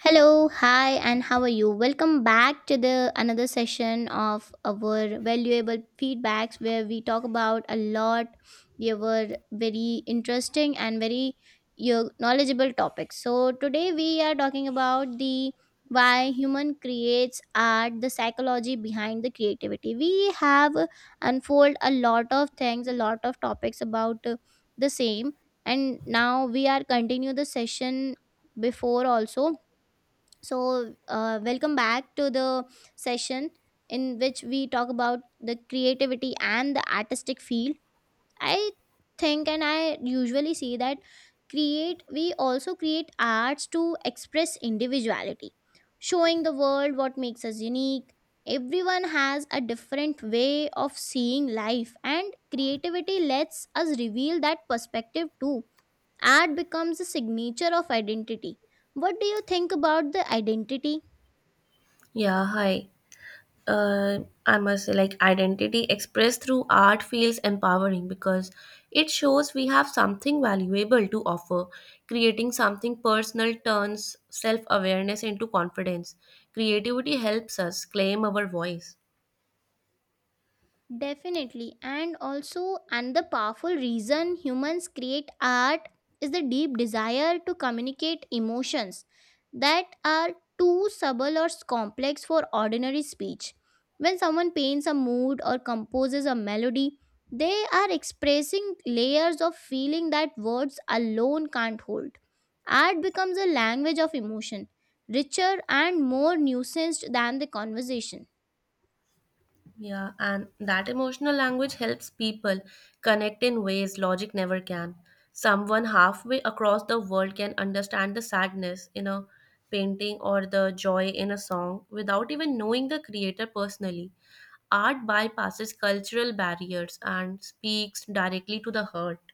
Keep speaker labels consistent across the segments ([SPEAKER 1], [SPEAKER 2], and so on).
[SPEAKER 1] Hello, hi, and how are you? Welcome back to the another session of our valuable feedbacks where we talk about a lot. They were very interesting and very you knowledgeable topics. So today we are talking about the why human creates art, the psychology behind the creativity. We have unfold a lot of things, a lot of topics about the same, and now we are continue the session before also so, welcome back to the session in which we talk about the creativity and the artistic field. I think and I usually see that create we also create arts to express individuality, showing the world what makes us unique. Everyone has a different way of seeing life, and creativity lets us reveal that perspective too. Art becomes a signature of identity. What do you think about the identity?
[SPEAKER 2] Yeah, hi. Uh, I must say, like, identity expressed through art feels empowering because it shows we have something valuable to offer. Creating something personal turns self awareness into confidence. Creativity helps us claim our voice.
[SPEAKER 1] Definitely. And also, another powerful reason humans create art is the deep desire to communicate emotions that are too subtle or complex for ordinary speech. When someone paints a mood or composes a melody, they are expressing layers of feeling that words alone can't hold. Art becomes a language of emotion, richer and more nuanced than the conversation.
[SPEAKER 2] Yeah, and that emotional language helps people connect in ways logic never can. Someone halfway across the world can understand the sadness in a painting or the joy in a song without even knowing the creator personally. Art bypasses cultural barriers and speaks directly to the heart.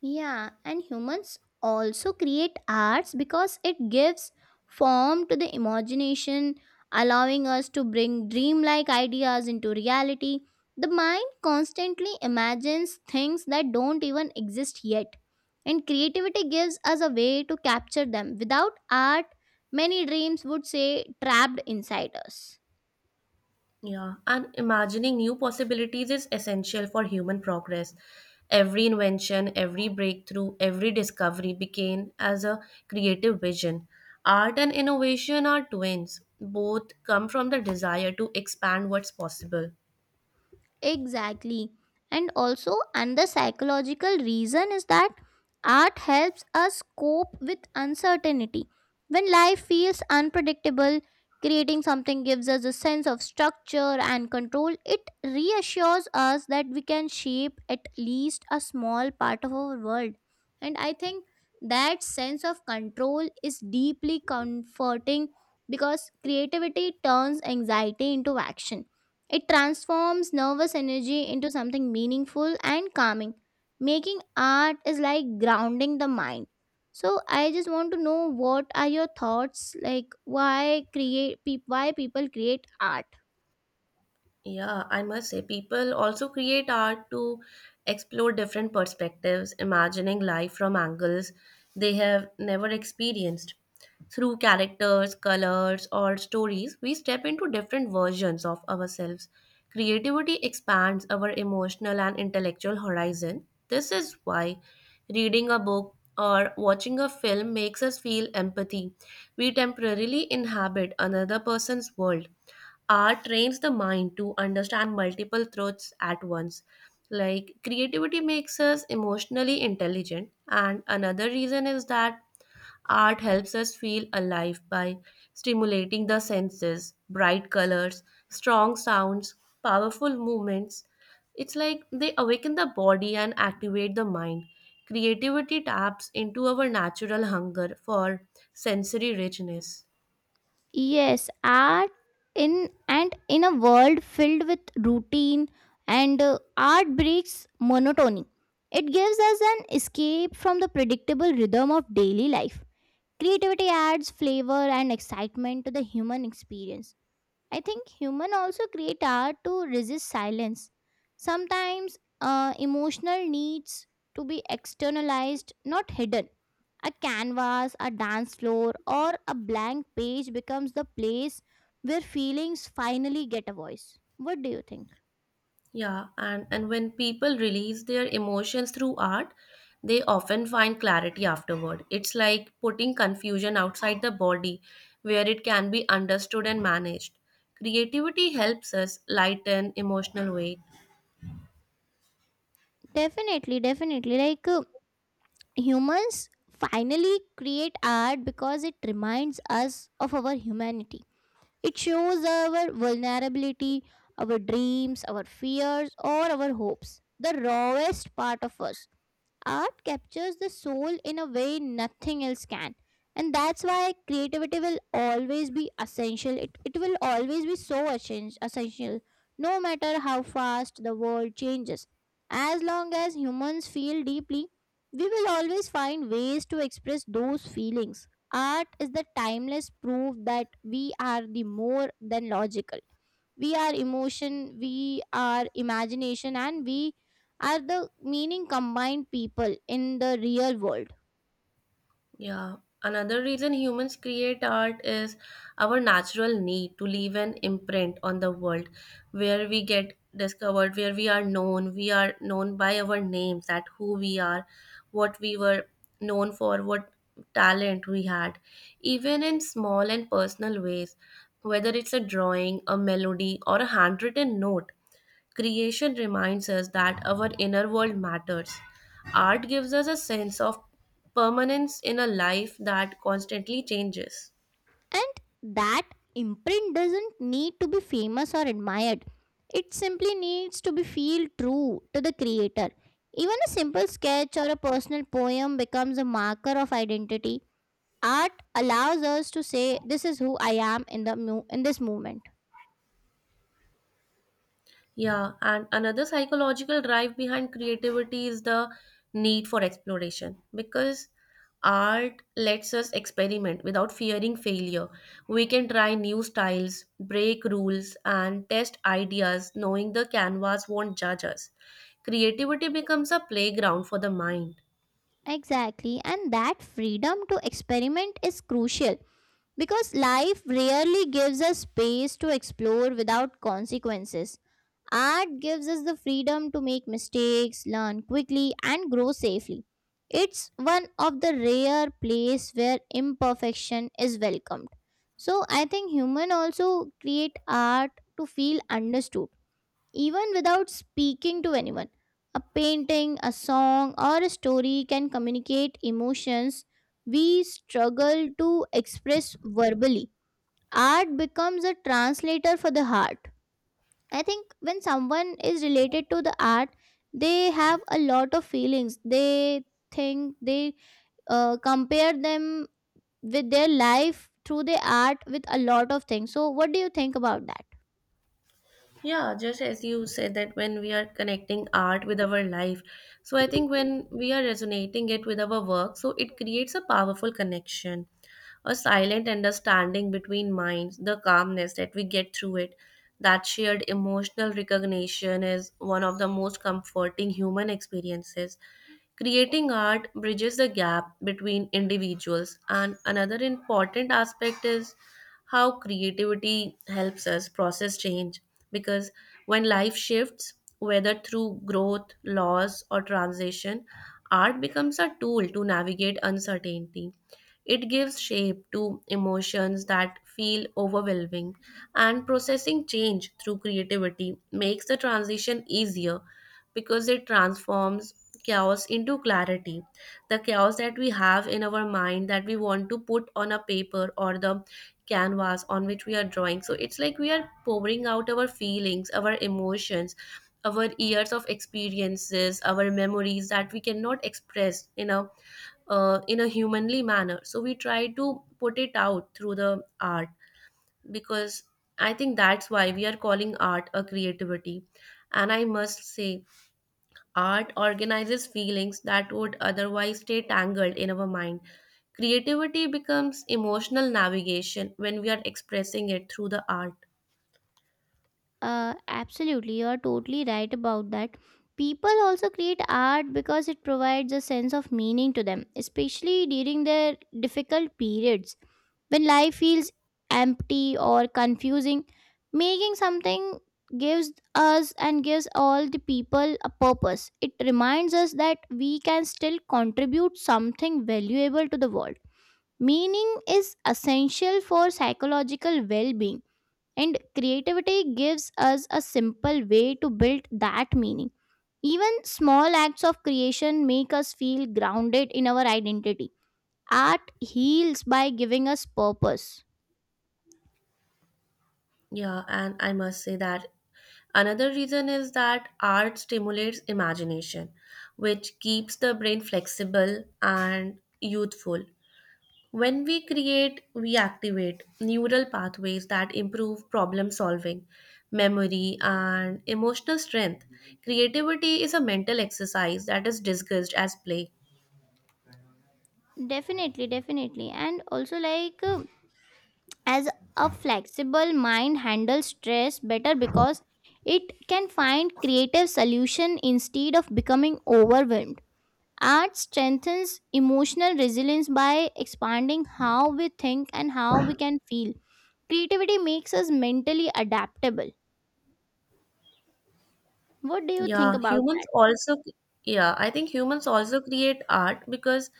[SPEAKER 1] Yeah, and humans also create arts because it gives form to the imagination, allowing us to bring dreamlike ideas into reality. The mind constantly imagines things that don't even exist yet, and creativity gives us a way to capture them. Without art, many dreams would stay trapped inside us.
[SPEAKER 2] Yeah, and imagining new possibilities is essential for human progress. Every invention, every breakthrough, every discovery began as a creative vision. Art and innovation are twins. Both come from the desire to expand what's possible.
[SPEAKER 1] Exactly. And also, another psychological reason is that art helps us cope with uncertainty. When life feels unpredictable, creating something gives us a sense of structure and control. It reassures us that we can shape at least a small part of our world. And I think that sense of control is deeply comforting because creativity turns anxiety into action. It transforms nervous energy into something meaningful and calming. Making art is like grounding the mind. So I just want to know what are your thoughts, like, why create peop why people create art?
[SPEAKER 2] Yeah, I must say, people also create art to explore different perspectives, imagining life from angles they have never experienced. Through characters, colors, or stories, we step into different versions of ourselves. Creativity expands our emotional and intellectual horizon. This is why reading a book or watching a film makes us feel empathy. We temporarily inhabit another person's world. Art trains the mind to understand multiple truths at once. Like creativity makes us emotionally intelligent, and another reason is that art helps us feel alive by stimulating the senses, bright colors, strong sounds, powerful movements. It's like they awaken the body and activate the mind. Creativity taps into our natural hunger for sensory richness.
[SPEAKER 1] Yes, art in and in a world filled with routine and art breaks monotony. It gives us an escape from the predictable rhythm of daily life. Creativity adds flavor and excitement to the human experience. I think human also create art to resist silence. Sometimes emotional needs to be externalized, not hidden. A canvas, a dance floor, or a blank page becomes the place where feelings finally get a voice. What do you think?
[SPEAKER 2] Yeah, and when people release their emotions through art, they often find clarity afterward. It's like putting confusion outside the body where it can be understood and managed. Creativity helps us lighten emotional weight.
[SPEAKER 1] Definitely, definitely. Like humans finally create art because it reminds us of our humanity. It shows our vulnerability, our dreams, our fears, or our hopes, the rawest part of us. Art captures the soul in a way nothing else can. And that's why creativity will always be essential. It will always be so essential, no matter how fast the world changes. As long as humans feel deeply, we will always find ways to express those feelings. Art is the timeless proof that we are the more than logical, we are emotion, we are imagination, and we are the meaning combined people in the real world.
[SPEAKER 2] Yeah, another reason humans create art is our natural need to leave an imprint on the world, where we get discovered, where we are known by our names, that who we are, what we were known for, what talent we had, even in small and personal ways, whether it's a drawing, a melody, or a handwritten note. Creation reminds us that our inner world matters. Art gives us a sense of permanence in a life that constantly changes.
[SPEAKER 1] And that imprint doesn't need to be famous or admired. It simply needs to be feel true to the creator. Even a simple sketch or a personal poem becomes a marker of identity. Art allows us to say this is who I am in the in this moment.
[SPEAKER 2] Yeah, and another psychological drive behind creativity is the need for exploration, because art lets us experiment without fearing failure. We can try new styles, break rules, and test ideas knowing the canvas won't judge us. Creativity becomes a playground for the mind.
[SPEAKER 1] Exactly, and that freedom to experiment is crucial. Because life rarely gives us space to explore without consequences. Art gives us the freedom to make mistakes, learn quickly, and grow safely. It's one of the rare place where imperfection is welcomed. So I think human also create art to feel understood even without speaking to anyone. A painting, a song, or a story can communicate emotions we struggle to express verbally. Art becomes a translator for the heart. I think when someone is related to the art, they have a lot of feelings. They think they compare them with their life through the art with a lot of things. So, what do you think about that?
[SPEAKER 2] Yeah, just as you said that when we are connecting art with our life, so I think when we are resonating it with our work, so it creates a powerful connection, a silent understanding between minds, the calmness that we get through it. That shared emotional recognition is one of the most comforting human experiences. Creating art bridges the gap between individuals, and another important aspect is how creativity helps us process change, because when life shifts, whether through growth, loss, or transition, art becomes a tool to navigate uncertainty. It gives shape to emotions that feel overwhelming, and processing change through creativity makes the transition easier, because it transforms chaos into clarity. The chaos that we have in our mind that we want to put on a paper or the canvas on which we are drawing. So it's like we are pouring out our feelings, our emotions, our years of experiences, our memories that we cannot express in a humanly manner. So we try to put it out through the art, because I think that's why we are calling art a creativity. And I must say, art organizes feelings that would otherwise stay tangled in our mind. Creativity becomes emotional navigation when we are expressing it through the art.
[SPEAKER 1] Absolutely, you're totally right about that. People also create art because it provides a sense of meaning to them, especially during their difficult periods. When life feels empty or confusing, making something gives us and gives all the people a purpose. It reminds us that we can still contribute something valuable to the world. Meaning is essential for psychological well being, and creativity gives us a simple way to build that meaning. Even small acts of creation make us feel grounded in our identity. Art heals by giving us purpose.
[SPEAKER 2] Yeah, and I must say that another reason is that art stimulates imagination, which keeps the brain flexible and youthful. When we create, we activate neural pathways that improve problem solving, memory, and emotional strength. Creativity is a mental exercise that is discussed as play.
[SPEAKER 1] Definitely, definitely. And also, like, as a flexible mind handles stress better because it can find creative solution instead of becoming overwhelmed. Art strengthens emotional resilience by expanding how we think and how we can feel. Creativity makes us mentally adaptable. What do you think
[SPEAKER 2] Yeah,
[SPEAKER 1] about
[SPEAKER 2] yeah, I think humans also create art because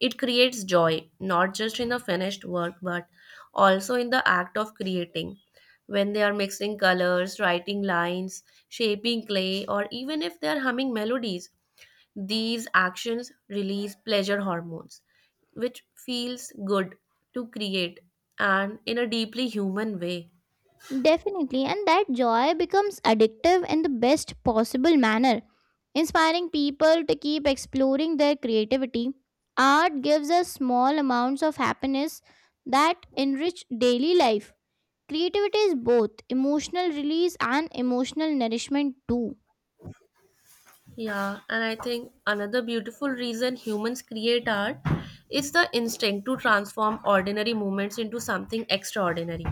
[SPEAKER 2] it creates joy, not just in the finished work, but also in the act of creating. When they are mixing colors, writing lines, shaping clay, or even if they are humming melodies, these actions release pleasure hormones, which feels good to create, and in a deeply human way.
[SPEAKER 1] that? Definitely, and that joy becomes addictive in the best possible manner, inspiring people to keep exploring their creativity. Art gives us small amounts of happiness that enrich daily life. Creativity is both emotional release and emotional nourishment, too.
[SPEAKER 2] Yeah, and I think another beautiful reason humans create art is the instinct to transform ordinary moments into something extraordinary.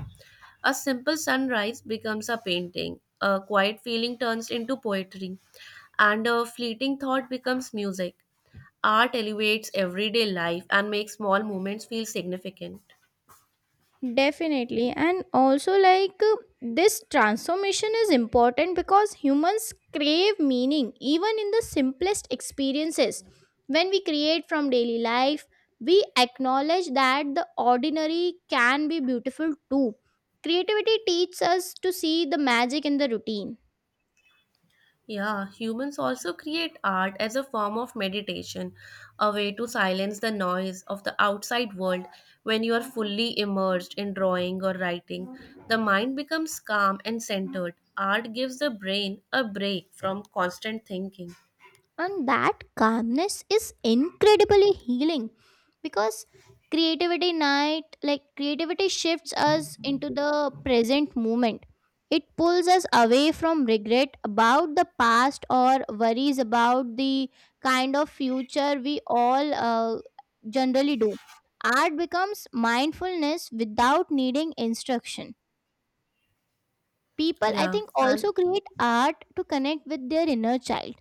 [SPEAKER 2] A simple sunrise becomes a painting, a quiet feeling turns into poetry, and a fleeting thought becomes music. Art elevates everyday life and makes small moments feel significant.
[SPEAKER 1] Definitely. And also, like, this transformation is important because humans crave meaning even in the simplest experiences. When we create from daily life, we acknowledge that the ordinary can be beautiful too. Creativity teaches us to see the magic in the routine.
[SPEAKER 2] Yeah, humans also create art as a form of meditation, a way to silence the noise of the outside world. When you are fully immersed in drawing or writing, the mind becomes calm and centered. Art gives the brain a break from constant thinking.
[SPEAKER 1] And that calmness is incredibly healing because creativity night like creativity shifts us into the present moment. It pulls us away from regret about the past or worries about the kind of future we all generally do. Art becomes mindfulness without needing instruction. People, I
[SPEAKER 2] Yeah,
[SPEAKER 1] think,
[SPEAKER 2] and
[SPEAKER 1] also create art to connect with their inner child,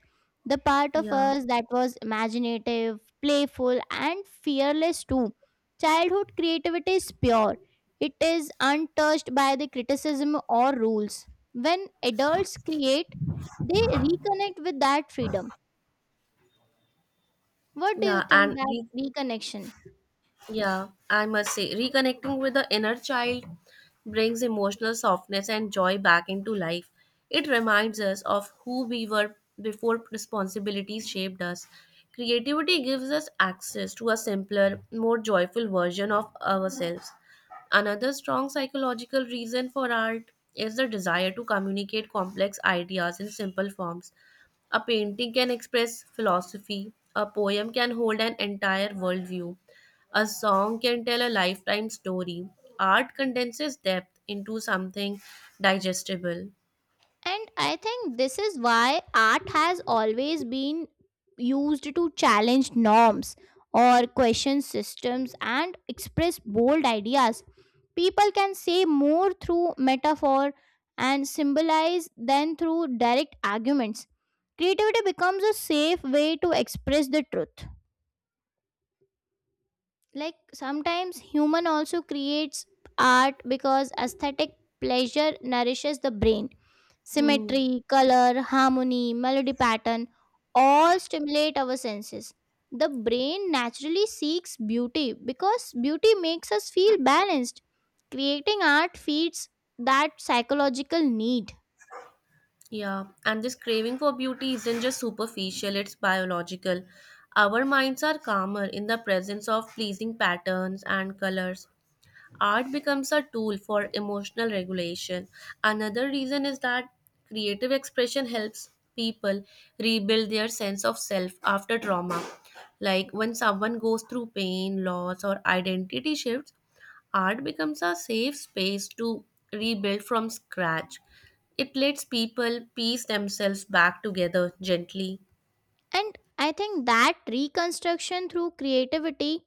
[SPEAKER 1] the part of
[SPEAKER 2] yeah,
[SPEAKER 1] us that was imaginative, playful, and fearless too. Childhood creativity is pure, it is untouched by the criticism or rules. When adults create, they reconnect with that freedom. What do you
[SPEAKER 2] yeah,
[SPEAKER 1] think that reconnection?
[SPEAKER 2] Yeah, I must say, reconnecting with the inner child brings emotional softness and joy back into life. It reminds us of who we were before responsibilities shaped us. Creativity gives us access to a simpler, more joyful version of ourselves. Another strong psychological reason for art is the desire to communicate complex ideas in simple forms. A painting can express philosophy, a poem can hold an entire worldview, a song can tell a lifetime story. Art condenses depth into something digestible.
[SPEAKER 1] And I think this is why art has always been used to challenge norms or question systems and express bold ideas. People can say more through metaphor and symbolize than through direct arguments. Creativity becomes a safe way to express the truth. Like sometimes human also creates art because aesthetic pleasure nourishes the brain.
[SPEAKER 2] Hmm.
[SPEAKER 1] Symmetry, color, harmony, melody pattern all stimulate our senses. The brain naturally seeks beauty because beauty makes us feel balanced. Creating art feeds that psychological need.
[SPEAKER 2] Yeah, and this craving for beauty isn't just superficial, it's biological. Our minds are calmer in the presence of pleasing patterns and colors. Art becomes a tool for emotional regulation. Another reason is that creative expression helps people rebuild their sense of self after trauma. Like when someone goes through pain, loss, or identity shifts, art becomes a safe space to rebuild from scratch. It lets people piece themselves back together gently.
[SPEAKER 1] And I think that reconstruction through creativity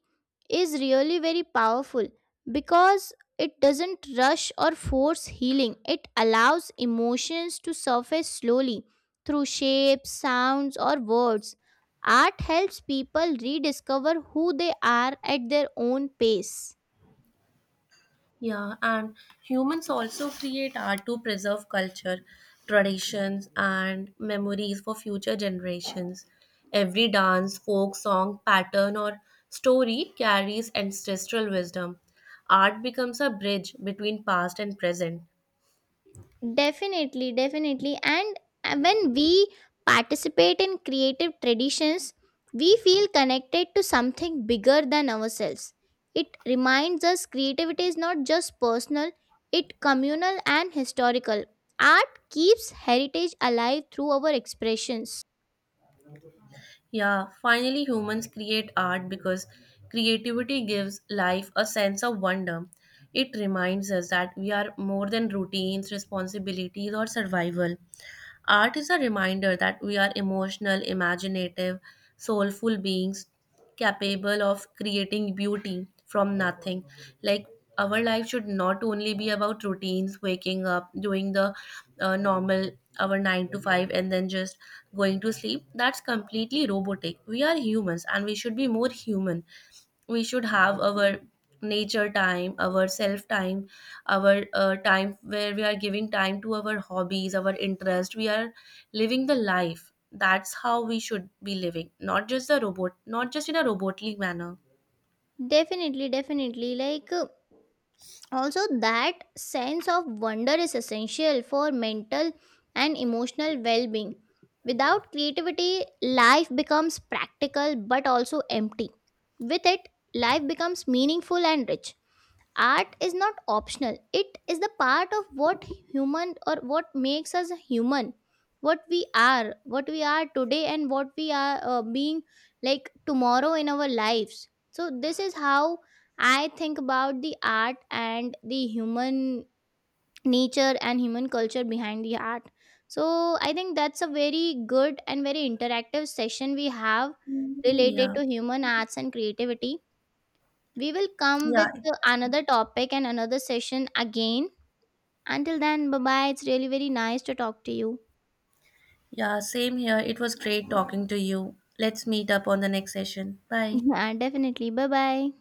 [SPEAKER 1] is really very powerful because it doesn't rush or force healing. It allows emotions to surface slowly through shapes, sounds, or words. Art helps people rediscover who they are at their own pace.
[SPEAKER 2] Yeah, and humans also create art to preserve culture, traditions, and memories for future generations. Every dance, folk song, pattern, or story carries ancestral wisdom. Art becomes a bridge between past and present.
[SPEAKER 1] Definitely, definitely. And when we participate in creative traditions, we feel connected to something bigger than ourselves. It reminds us creativity is not just personal, it communal and historical. Art keeps heritage alive through our expressions.
[SPEAKER 2] Yeah, finally, humans create art because creativity gives life a sense of wonder. It reminds us that we are more than routines, responsibilities, or survival. Art is a reminder that we are emotional, imaginative, soulful beings capable of creating beauty from nothing. Like, our life should not only be about routines, waking up, doing the normal, our 9 to 5, and then just going to sleep. That's completely robotic. We are humans and we should be more human. We should have our nature time, our self time, our time where we are giving time to our hobbies, our interest. We are living the life. That's how we should be living, not just the robot, not just in a robotly manner.
[SPEAKER 1] Definitely, definitely. Like also that sense of wonder is essential for mental and emotional well-being. Without creativity life becomes practical but also empty. With it, life becomes meaningful and rich. Art is not optional, it is the part of what human or what makes us human, what we are, what we are today, and what we are being like tomorrow in our lives. So this is how I think about the art and the human nature and human culture behind the art. So I think that's a very good and very interactive session we have related
[SPEAKER 2] Yeah,
[SPEAKER 1] to human arts and creativity. We will come
[SPEAKER 2] yeah,
[SPEAKER 1] with another topic and another session again. Until then, bye bye. It's really very nice to talk to you.
[SPEAKER 2] yeah, same here. It was great talking to you. Let's meet up on the next session. Bye.
[SPEAKER 1] Yeah, definitely. Bye bye.